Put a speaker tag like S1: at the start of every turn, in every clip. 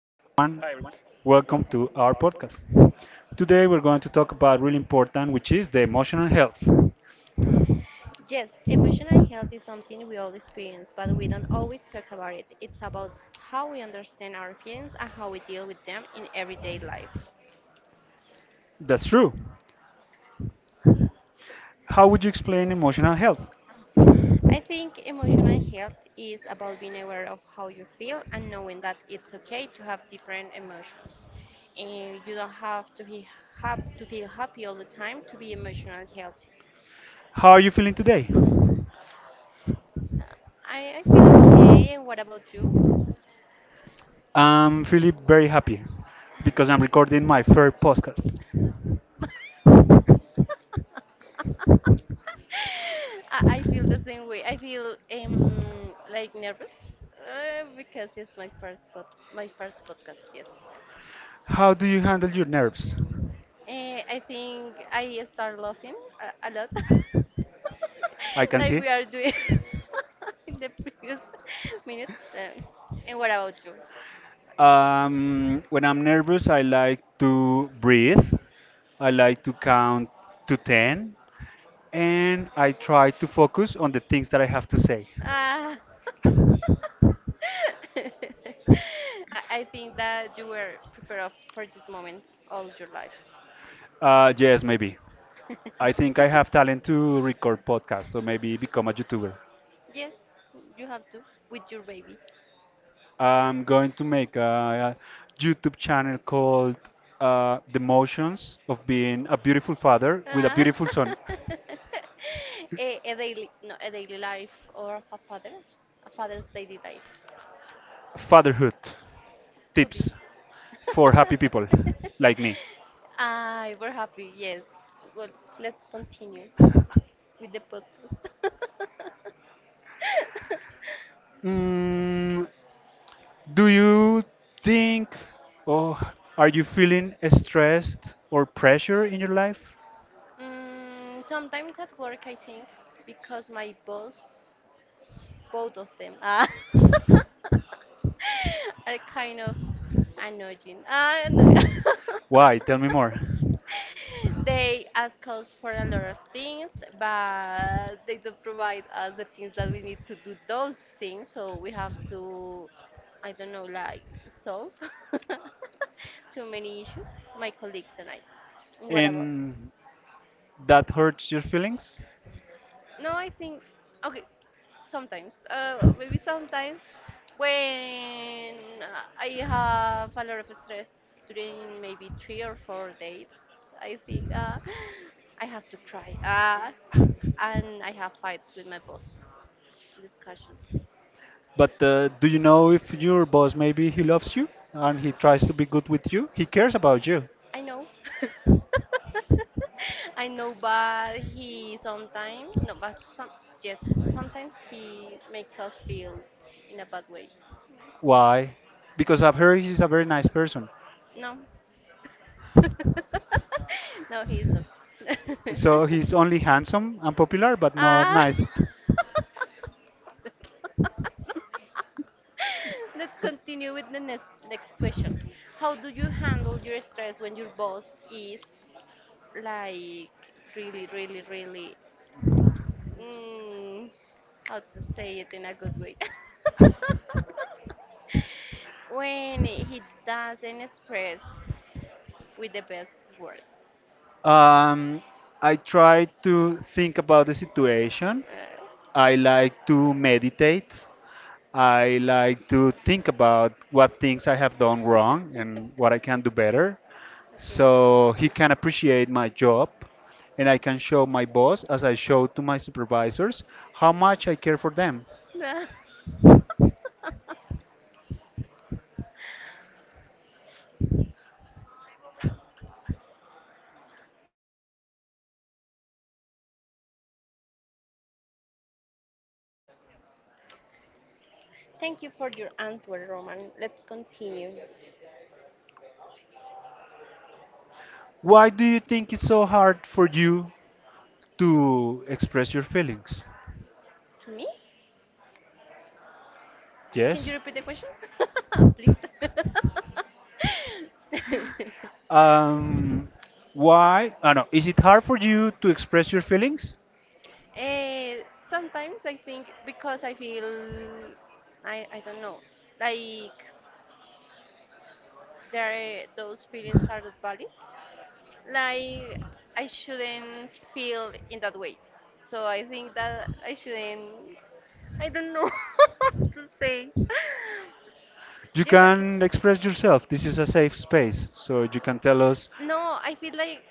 S1: Hi everyone, welcome to our podcast. Today we're going to talk about really important, which is the emotional health.
S2: Yes, emotional health is something we all experience, but we don't always talk about it. It's about how we understand our feelings and how we deal with them in everyday life.
S1: That's true. How would you explain emotional health?
S2: I think emotional health is about being aware of how you feel and knowing that it's okay to have different emotions. And you don't have to be hap to feel happy all the time to be emotionally healthy.
S1: How are you feeling today?
S2: Uh, I feel okay, and what about you?
S1: I'm feeling very happy because I'm recording my first podcast.
S2: I feel the same way. I feel like nervous because it's my my first podcast. Yes,
S1: How do you handle your nerves?
S2: I think I start laughing a lot,
S1: I can
S2: like
S1: see.
S2: we are doing in the previous minutes. And what about you?
S1: When I'm nervous, I like to breathe. I like to count to 10 and I try to focus on the things that I have to say.
S2: Ah. I think that you were prepared for this moment all your life.
S1: Yes, maybe. I think I have talent to record podcasts or maybe become a YouTuber.
S2: Yes, you have to with your baby.
S1: I'm going to make a, YouTube channel called The Motions of Being a Beautiful Father with a
S2: Ah.
S1: Beautiful Son.
S2: Soul. A daily no A daily life or of a father a father's daily life
S1: Fatherhood
S2: could be.
S1: tips for happy people like me.
S2: I we're happy, yes. Well, let's continue with the podcast. Mm,
S1: Mm, do you think or are you feeling stressed or pressure in your life?
S2: sometimes at work I think, because my boss, both of them, ah, are kind of, I know, Jin. I know.
S1: Why? Tell me more.
S2: They ask us for a lot of things, but they don't provide us the things that we need to do those things. So we have to, I don't know, like solve too many issues. My colleagues and I. What about?
S1: And that hurts your feelings?
S2: No, I think okay. Sometimes, maybe sometimes when I have a lot of stress during maybe 3 or 4 days, I think I have to cry. And I have fights with my boss, discussion.
S1: But do you know if your boss maybe he loves you and he tries to be good with you? He cares about you.
S2: I know. I know, but he sometimes, no, but yes, sometimes he makes us feel in a bad way.
S1: Why? Because I've heard he's a very nice person.
S2: No, no, he's not.
S1: So he's only handsome and popular, but not
S2: Ah.
S1: nice.
S2: Let's continue with the next question. How do you handle your stress when your boss is like really, really, really? Mm, how to say it in a good way? When he doesn't express with the best words.
S1: Um, I try to think
S2: Uh,
S1: about the situation. I like to meditate. I like to think about what things I have done wrong and what I can do better. So he
S2: okay.
S1: can appreciate my job and I can show my boss, as I show to my supervisors, how much I care for them.
S2: No. Thank you for your answer, Roman. Let's continue.
S1: Why do you think it's so hard for you to express your feelings?
S2: To me? Can you
S1: Yes?
S2: repeat the question? Please.
S1: Um, why? I know. Is it hard for you to express your feelings?
S2: Eh, sometimes I think because I feel I don't know, like there those feelings are valid, like I shouldn't feel in that way. So I think that I shouldn't. I don't know what to say.
S1: You
S2: Yes,
S1: can express yourself. This is a safe space, so you can tell us.
S2: no, I feel like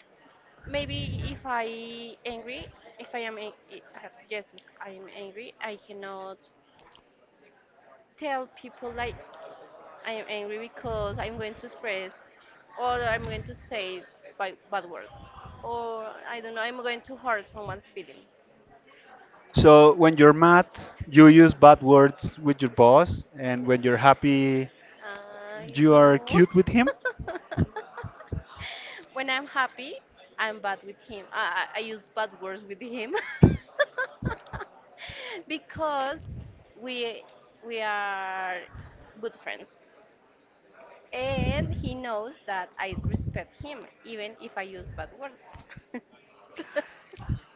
S2: maybe if I angry, if I am an- I- yes, if I am angry, I cannot tell people like I am angry, because I'm going to express or I'm going to say by bad words, or I don't know, I'm going to hurt someone's feeling.
S1: So when you're mad, you use bad words with your boss, and when you're happy,
S2: I
S1: you are
S2: know.
S1: cute with him.
S2: When I'm happy, I'm bad with him. I use bad words with him because we we are good friends, and he knows that I respect him even if I use bad words.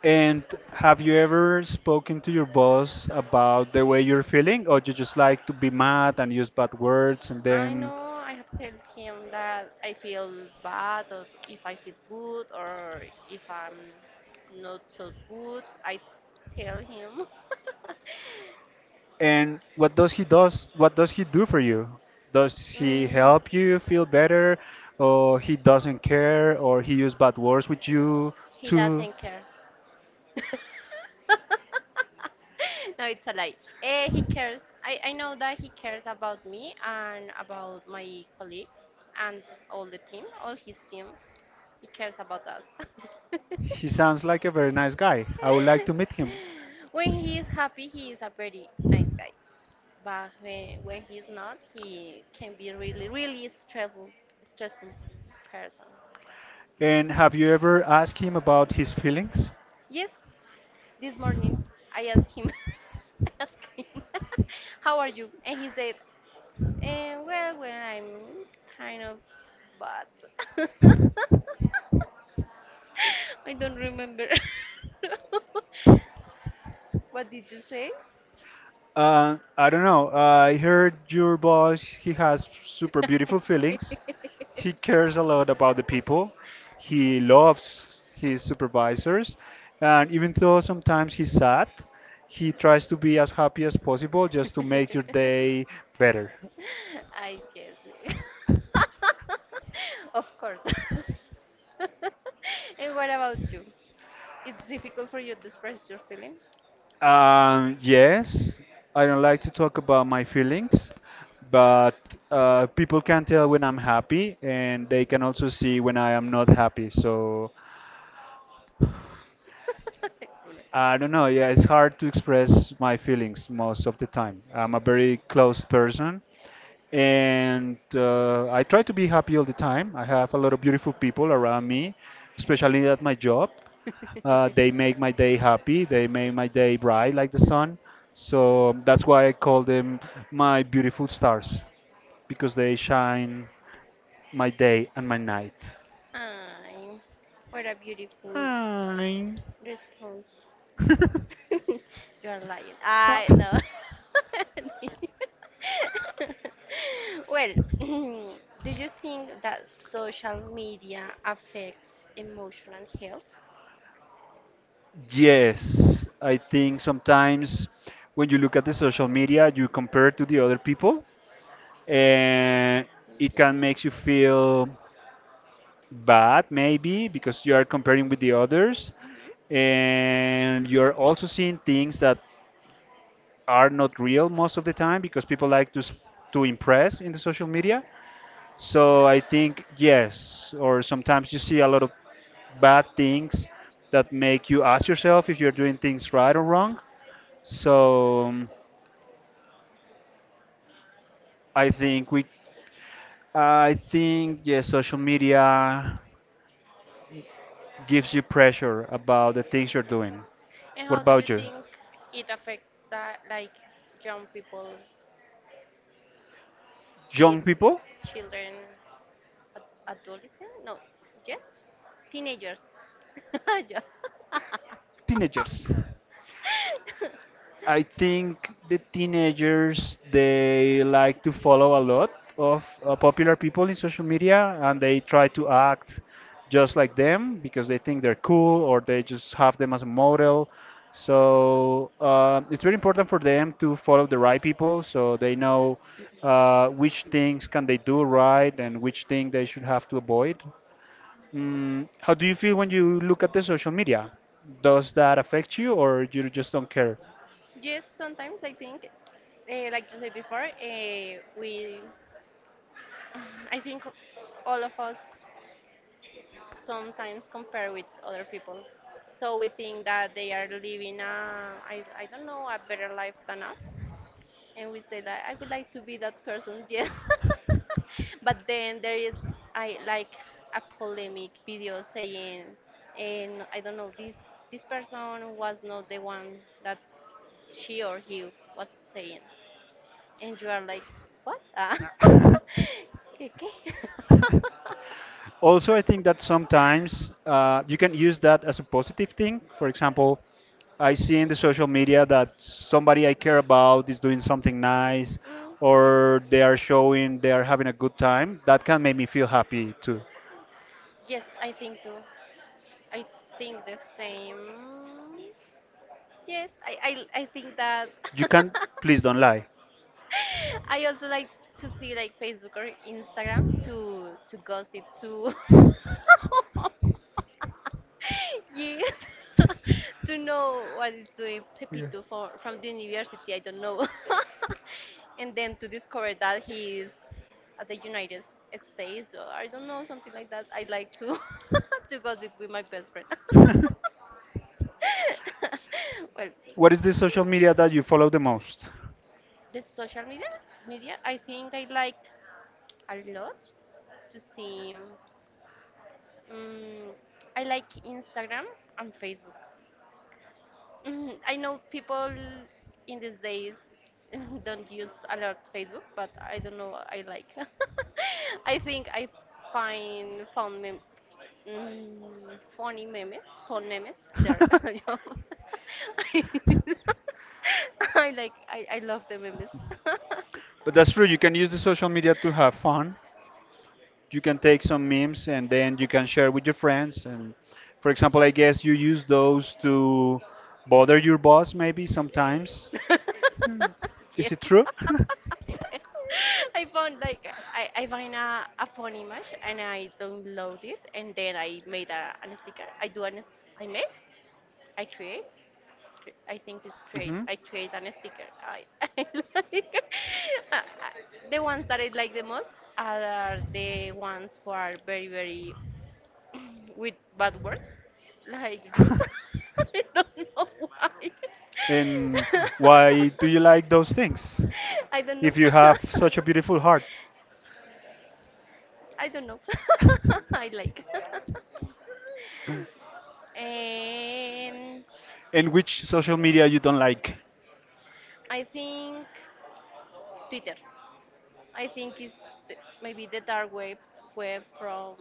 S1: And have you ever spoken to your boss about the way you're feeling, or you just like to be mad and use bad words, and
S2: I
S1: then
S2: know I have told him that I feel bad, or if I feel good, or if I'm not so good. I tell him.
S1: and what does he does? What does he do for you? Does he
S2: Mm,
S1: help you feel better, or he doesn't care, or he use bad words with you
S2: he
S1: too?
S2: doesn't care. No, it's a lie. Eh, he cares. I know that he cares about me and about my colleagues, and all the team, all his team. He cares about us.
S1: He sounds like a very nice guy. I would like to meet him.
S2: When he is happy, he is a very nice guy. But when he is not, he can be really, really stressful person.
S1: And have you ever asked him about his feelings?
S2: Yes, this morning I asked him, I asked him, how are you? And he said, eh, well, I'm kind of bad. I don't remember. What did you say?
S1: I don't know. I heard your boss, he has super beautiful feelings. He cares a lot about the people. He loves his supervisors. And even though sometimes he's sad, he tries to be as happy as possible just to make your day better.
S2: I guess. Of course. And what about you? It's difficult for you to express your feeling?
S1: Yes, I don't like to talk about my feelings, but people can tell when I'm happy and they can also see when I am not happy. So
S2: It's good.
S1: I don't know. Yeah, it's hard to express my feelings most of the time. I'm a very closed person, and I try to be happy all the time. I have a lot of beautiful people around me, especially at my job. They make my day happy. They make my day bright like the sun. So that's why I call them my beautiful stars because they shine my day and my night.
S2: Ay, what a beautiful
S1: Hi.
S2: response. You are lying. I no. Well, do you think that social media affects emotional health?
S1: Yes, I think sometimes when you look at the social media, you compare to the other people, and it can make you feel bad maybe because you are comparing with the others,
S2: Hmm.
S1: and you're also seeing things that are not real most of the time because people like to to impress in the social media. So I think yes, or sometimes you see a lot of bad things that make you ask yourself if you're doing things right or wrong. So I think we, I think yes, social media gives you pressure about the things you're doing.
S2: And how
S1: What
S2: do you
S1: about you?
S2: think it affects that, like young people,
S1: Young
S2: kids,
S1: people,
S2: children, ad- adolescent? No, yes, teenagers. Yeah.
S1: teenagers. I think the teenagers they like to follow a lot of popular people in social media and they try to act just like them because they think they're cool or they just have them as a model. So it's very important for them to follow the right people so they know which things can they do right and which thing they should have to avoid. Mm, how do you feel when you look at the social media? Does that affect you or you just don't care?
S2: Yes, sometimes I think, like you said before, we, I think all of us sometimes compare with other people. So we think that they are living a, I don't know, a better life than us, and we say that I would like to be that person, yeah. But then there is, I like a polemic video saying, and I don't know this person was not the one that she or he was saying, and you are like, what? Ah. ¿Qué, qué?
S1: Also, I think that sometimes you can use that as a positive thing. For example, I see in the social media that somebody I care about is doing something nice,
S2: Mm, yes.
S1: or they are showing they are having a good time. That can make me feel happy too.
S2: Yes, I think too. I think the same. Yes, I think that.
S1: You can please don't lie.
S2: I also like to see like Facebook or Instagram to gossip to yes to know what is doing Pepito from the university. I don't know, and then to discover that he is at the United States, or I don't know, something like that. I like to to gossip with my best friend. Well,
S1: What is the social media that you follow the most?
S2: the social media, I think I like a lot to see. Mm, I like Instagram and Facebook. Mm, I know people in these days don't use a lot Facebook, but I don't know. I like. I think I find found mm, funny memes, fun memes there. Yo. I like. I love the memes.
S1: But that's true. You can use the social media to have fun. You can take some memes and then you can share with your friends. And for example, I guess you use those to bother your boss maybe sometimes. Is
S2: Yes.
S1: it true?
S2: I found like I find a fun image and I download it and then I made an sticker. I do an I made, I create. I think it's create,
S1: hmm
S2: I create an sticker. I, I like uh, uh, the ones that I like the most are the ones who are very with bad words, like rude. I don't know why.
S1: And why do you like those things
S2: I don't know.
S1: if you have such a beautiful heart?
S2: I don't know. I like. And
S1: And which social media you don't like?
S2: I think Twitter. I think it's the, maybe the dark web from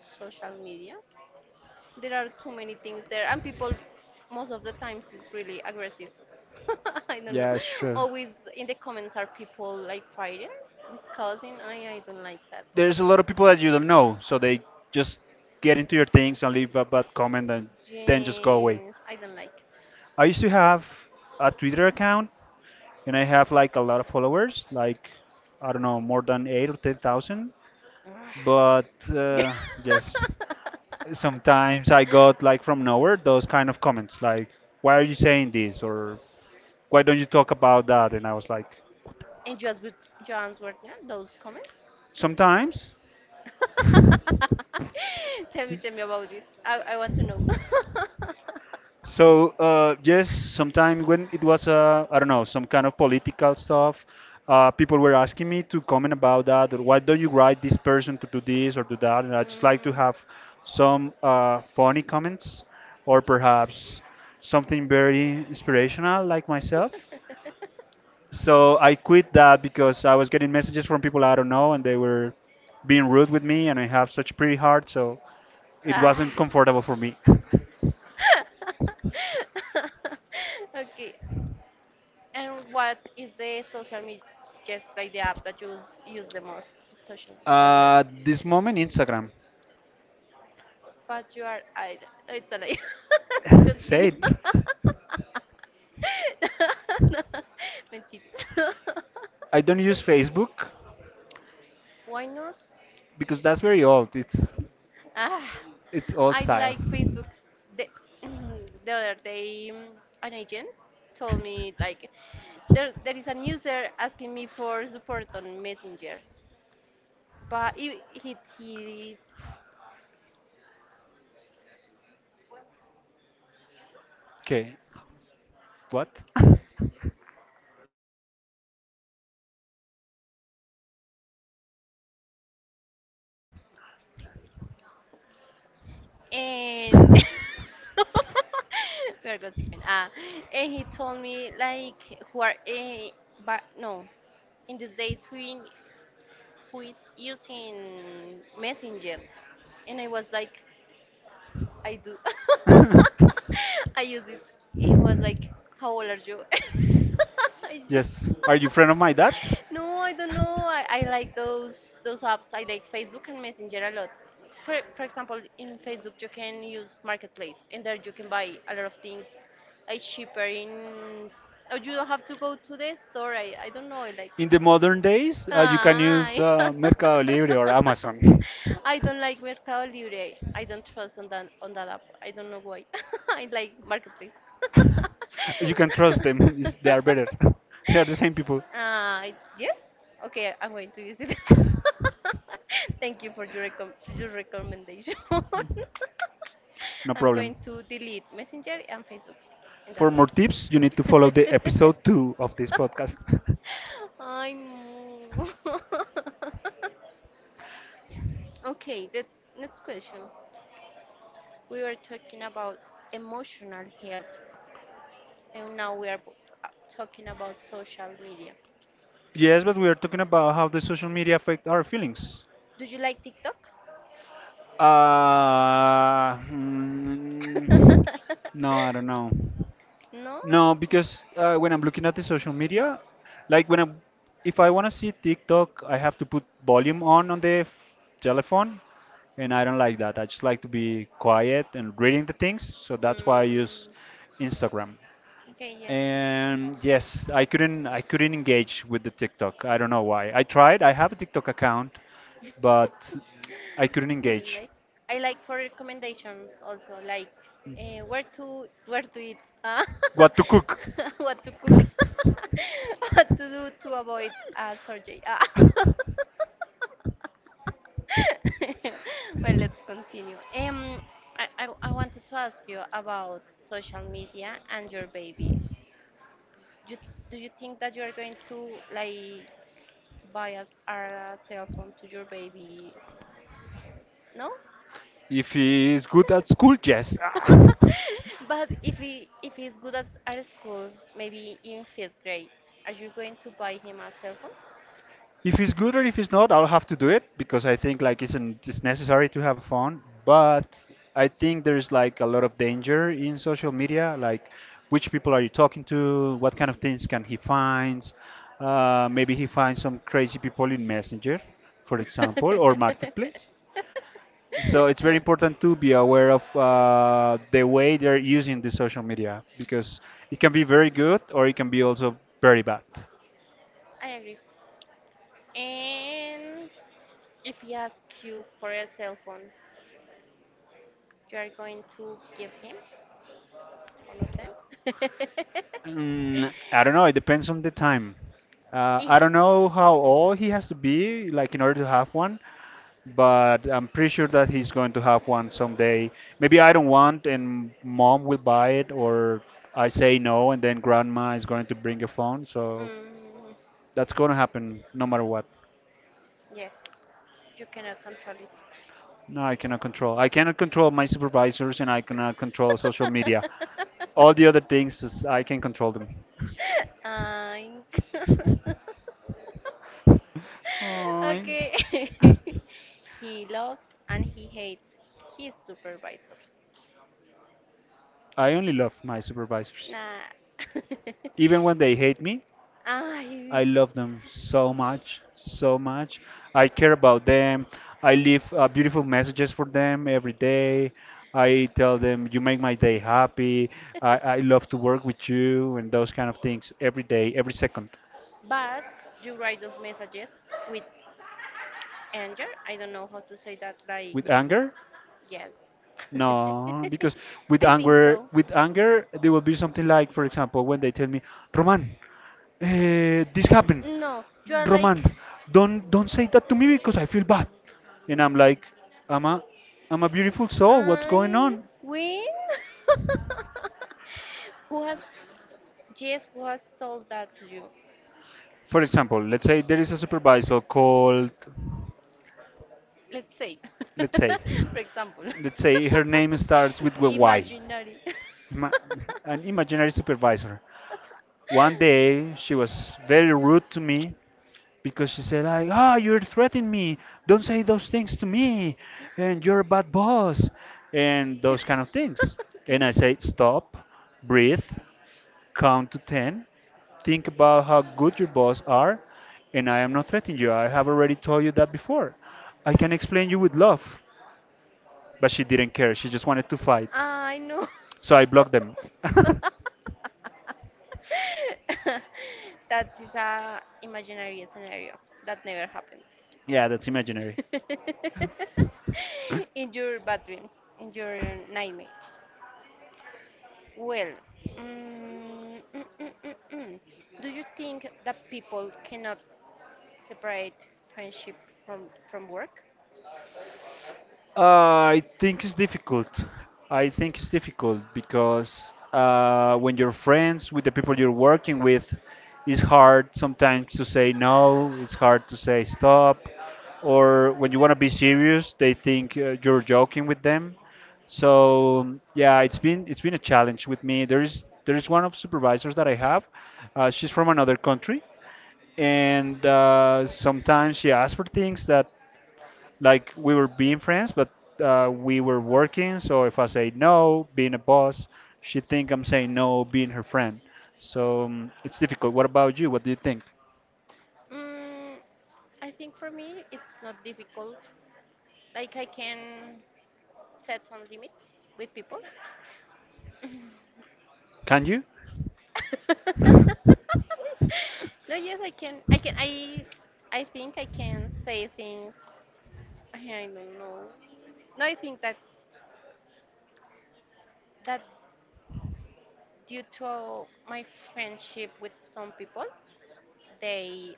S2: social media. There are too many things there, and people most of the times is really aggressive. I don't know.
S1: Yeah, sure.
S2: Always in the comments are people like fighting, discussing. I don't like that.
S1: There's a lot of people that you don't know, so they just get into your things and leave a bad comment and then just go away.
S2: Yes, I don't like.
S1: I used to have a Twitter account and I have like a lot of followers, like I don't know, more than 8 or 10,000.
S2: Ugh.
S1: But uh, yes, sometimes I got like from nowhere those kind of comments like, why are you saying this? Or why don't you talk about that? And I was like,
S2: And just with John's work, yeah, those comments.
S1: sometimes.
S2: Tell me, tell me about it. I want to know.
S1: So yes, sometime when it was I don't know some kind of political stuff, people were asking me to comment about that. Or why don't you write this person to do this or do that? And I just like to have some funny comments or perhaps something very inspirational like myself.
S2: Mm.
S1: So I quit that because I was getting messages from people I don't know and they were being rude with me and I have such pretty heart, so it
S2: Ah.
S1: wasn't comfortable for me.
S2: Okay. And what is the social media, just like the app that you use the most, social, the red?
S1: This moment, Instagram.
S2: But you are, I, it's a lie.
S1: Say
S2: Continue.
S1: it.
S2: No, no, Mentira.
S1: I don't use Facebook
S2: Why not?
S1: because that's very old.
S2: Ah,
S1: It's old
S2: I
S1: style.
S2: like Facebook. The, the other day, mm, an agent told me like there is a user asking me for support on Messenger, but he
S1: Okay, what?
S2: and we're gossiping. Ah, and he told me like who are a, but no, in these days who is using Messenger, and I was like. I do. I use it. He was like, "How old are you?" I ju-
S1: Yes. Are you friend of my dad?
S2: no, I don't know. I like those apps. I like Facebook and Messenger a lot. For example, in Facebook you can use Marketplace, and there you can buy a lot of things, like cheaper in. Or you don't have to go to the store. I don't know. I like.
S1: In the modern days, you can
S2: Ah.
S1: use Mercado Libre or Amazon.
S2: I don't like Mercado Libre. I don't trust on that app. I don't know why. I like Marketplace.
S1: You can trust them. They are better. They are the same people.
S2: Uh, yes. Okay, I'm going to use it. Thank you for your recom your recommendation.
S1: No
S2: I'm
S1: problem.
S2: going to delete Messenger and Facebook in that
S1: For more
S2: way.
S1: tips, you need to follow the episode two of this podcast.
S2: I know. Okay, that's next question. We were talking about emotional health, and now we are talking about social media.
S1: Yes, but we are talking about how the social media affect our feelings.
S2: Do you like TikTok?
S1: Uh, mm, no, I don't know.
S2: No?
S1: No, because when I'm looking at the social media, like when I'm, if I want to see TikTok, I have to put volume on the f telephone, and I don't like that. I just like to be quiet and reading the things, so that's why I use
S2: Mm,
S1: Instagram.
S2: okay, yes.
S1: And yes, I couldn't engage with the TikTok. I don't know why. I tried. I have a TikTok account, but I couldn't engage.
S2: Like I like for recommendations also like where to eat
S1: What to cook?
S2: what to cook, what to do to avoid a surgery. Ah. Well, let's continue. I wanted to ask you about social media and your baby. You, do you think that you are going to like bias a cell phone to your baby? No.
S1: If he is good at school, yes. Ah.
S2: But if he if he's good at school, maybe in fifth grade, are you going to buy him a cell phone?
S1: If it's good or if it's not, I'll have to do it because I think like isn't it's necessary to have a phone. But I think there's like a lot of danger in social media, like which people are you talking
S2: Mm.
S1: to, what kind of things can he find? Maybe he finds some crazy people in Messenger, for example, or Marketplace. So it's very
S2: Uh-huh.
S1: important to be aware of the way they're using the social media because it can be very good or it can be also very bad.
S2: I agree. And if he asks you for a cell phone, you are going to give him? All of them?
S1: Mm, I don't know. It depends on the time.
S2: Eh.
S1: I don't know how old he has to be, like in order to have one, but I'm pretty sure that he's going to have one someday. Maybe I don't want, and mom will buy it, or I say no, and then grandma is going to bring a phone. So
S2: Mm,
S1: that's going to happen no matter what.
S2: yes, you cannot control it.
S1: No, I cannot control. I cannot control my supervisors, and I cannot control social media. All the other things, I can control them.
S2: Ang-
S1: Aw.
S2: okay. He loves and he hates his supervisors.
S1: I only love my supervisors.
S2: Nah.
S1: Even when they hate me,
S2: I,
S1: I love them so much, so much. I care about them. I leave beautiful messages for them every day. I tell them, you make my day happy. I love to work with you and those kind of things every day, every second.
S2: but you write those messages with anger. I don't know how to say that. Like,
S1: With anger,
S2: yes.
S1: no, because
S2: I think so.
S1: with anger, there will be something like, for example, when they tell me, Roman, this happened.
S2: No, you are
S1: Roman,
S2: like,
S1: don't say that to me because I feel bad. And I'm like, I'm a, I'm a beautiful soul. What's going
S2: I
S1: on?
S2: win? Who has, yes, who has told that to you?
S1: For example, let's say there is a supervisor called,
S2: Let's say, let's
S1: let's say,
S2: for example,
S1: let's say her
S2: let's
S1: name starts with a
S2: Y.
S1: Y.
S2: Imaginary.
S1: Ima- an imaginary supervisor. One day she was very rude to me because she said like, "Ah, you're threatening me. Don't say those things to me. And you're a bad boss." And those kind of things. And I say, "Stop, breathe, count to 10, think about how good your boss are, and I am not threatening you. I have already told you that before. I can explain you with love." But she didn't care. She just wanted to fight.
S2: I know.
S1: So I blocked them.
S2: That is a imaginary scenario that never happened.
S1: Yeah, that's imaginary.
S2: In your bad dreams, in your nightmares. Well, mm, mm, mm, mm, mm. Do you think that people cannot separate friendship from, from work?
S1: Uh, I think it's difficult. I think it's difficult because when you're friends with the people you're working with, it's hard sometimes to say no, it's hard to say stop, or when you want to be serious, they think you're joking with them. So yeah, it's been a challenge with me. There is one of supervisors that I have. She's from another country, and sometimes she asks for things that like we were being friends, but we were working. So if I say no, being a boss, she think I'm saying no, being her friend. So it's difficult. What about you? What do you think?
S2: Mm, I think for me, it's not difficult. Like, I can set some limits with people.
S1: Can you?
S2: No, yes, I can. I can. I. I think I can say things. I don't know. No, I think that that due to my friendship with some people, they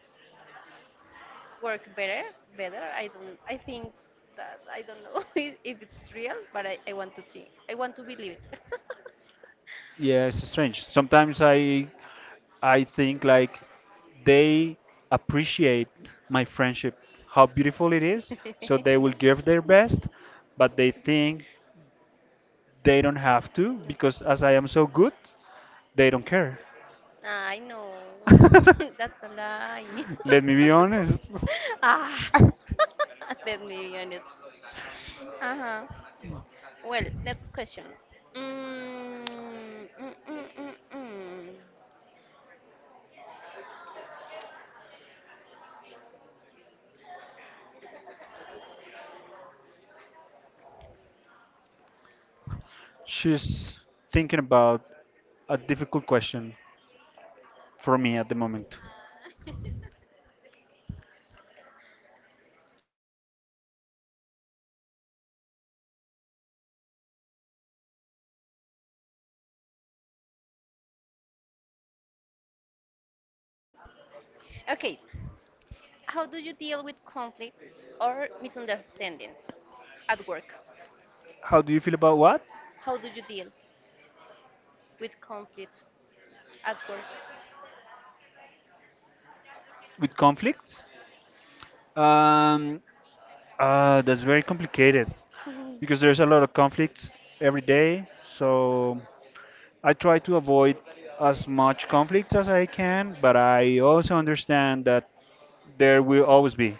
S2: work better. Better. I don't. I think that I don't know if it's real, but I want to think. I want to believe it.
S1: Yeah, it's strange. Sometimes I I think like they appreciate my friendship, how beautiful it is, so they will give their best, but they think they don't have to because as I am so good, they don't care.
S2: I know. That's a lie.
S1: Let me be honest.
S2: Ah. Let me be honest. Uh huh. Well, next question. Mm, mm, mm, mm, mm.
S1: She's thinking about a difficult question for me at the moment.
S2: Okay, how do you deal with conflicts or misunderstandings at work?
S1: How do you feel about what?
S2: How do you deal with conflict at work.
S1: With conflicts? Um, that's very complicated because there's a lot of conflicts every day. So I try to avoid as much conflicts as I can, but I also understand that there will always be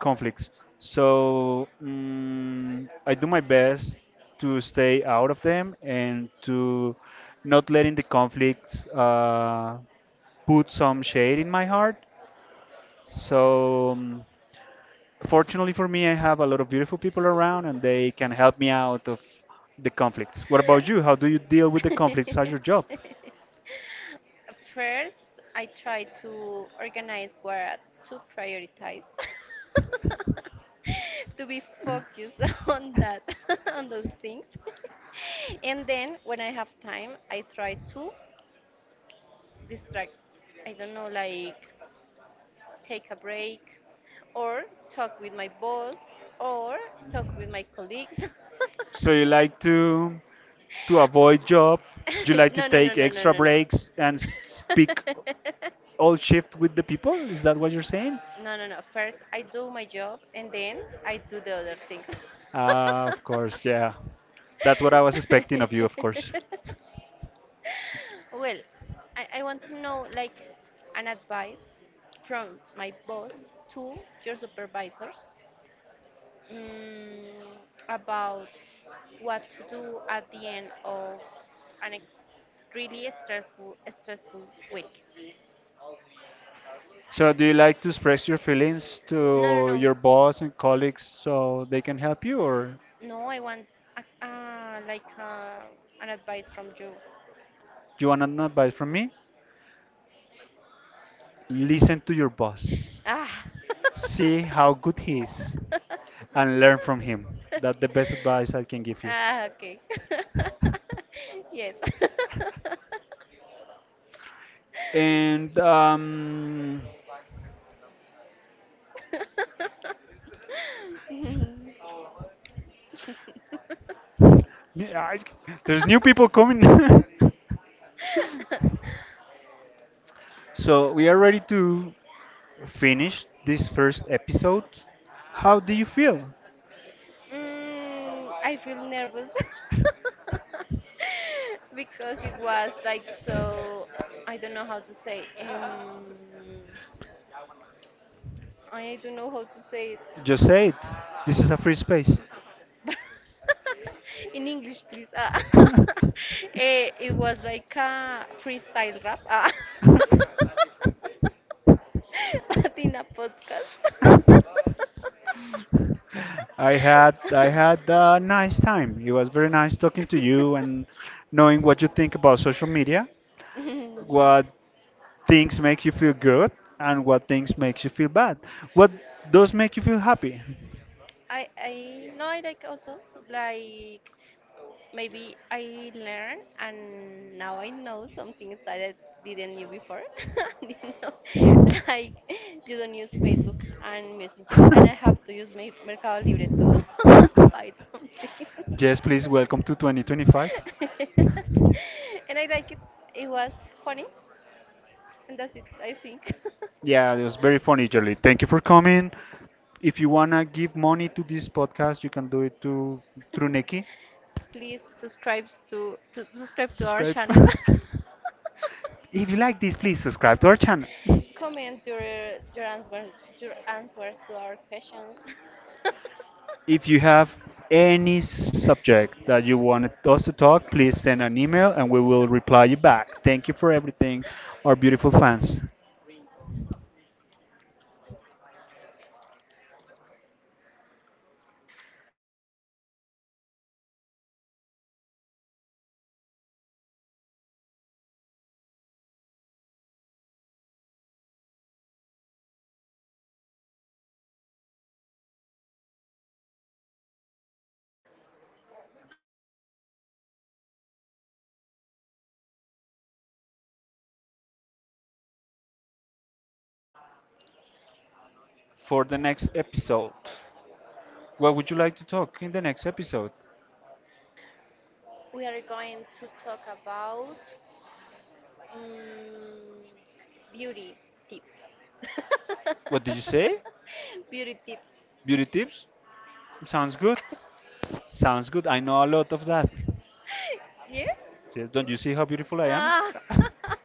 S1: conflicts. So I do my best to stay out of them and to not letting the conflicts put some shade in my heart. So mm, fortunately for me, I have a lot of beautiful people around and they can help me out of the conflicts. What about you? How do you deal with the conflicts at your job?
S2: First, I try to organize what to prioritize, to be focused on that, on those things. And then when I have time, I try to distract. I don't know, like take a break or talk with my boss or talk with my colleagues.
S1: So you like to avoid job? You like to
S2: no, no, no,
S1: take
S2: no,
S1: extra
S2: no, no,
S1: breaks and
S2: no.
S1: speak all shift with the people? Is that what you're saying?
S2: No, no, no. First, I do my job and then I do the other things.
S1: Ah, of course, yeah. That's what I was expecting of you, of course.
S2: Well, I want to know like an advice from my boss to your supervisors, mm, about what to do at the end of an really stressful week.
S1: So do you like to express your feelings
S2: No, no,
S1: to
S2: no.
S1: your boss and colleagues so they can help you, or
S2: No, I want a, an advice from you.
S1: do you want an advice from me? Listen to your boss.
S2: Ah.
S1: See how good he is and learn from him. That's the best advice I can give you.
S2: Ah, okay. Yes.
S1: And yeah, I, there's new people coming. So we are ready to finish this first episode. How do you feel?
S2: Mm, I feel nervous because it was like so. I don't know how to say. I don't know how to say it.
S1: Just say it. This is a free space.
S2: In English, please. Ah. Eh, it was like a freestyle rap. Ah. But in a podcast.
S1: I had a nice time. It was very nice talking to you and knowing what you think about social media, what things make you feel good and what things makes you feel bad. What does make you feel happy?
S2: I no I like also like maybe I learn and now I know some things that I didn't knew before. Did know. Like you don't use Facebook and Messenger, and I have to use Mercado Libre to buy some things.
S1: Yes, please welcome to 2025.
S2: And I like it. It was funny, and that's it I think.
S1: Yeah, it was very funny, Julie. Thank you for coming. If you wanna give money to this podcast, you can do it to through Nikki.
S2: Please subscribe to subscribe to our
S1: Subscribe.
S2: channel.
S1: If you like this, please subscribe to our channel.
S2: Comment your your answers your answers to our questions.
S1: If you have any subject that you want us to talk, please send an email and we will reply you back. Thank you for everything, our beautiful fans. For the next episode, what would you like to talk in the next episode?
S2: We are going to talk about mm beauty tips.
S1: What did you say?
S2: Beauty tips.
S1: Beauty tips? Sounds good. Sounds good. I know a lot of that.
S2: Yes.
S1: Yes, don't you see how beautiful I
S2: Ah.
S1: am?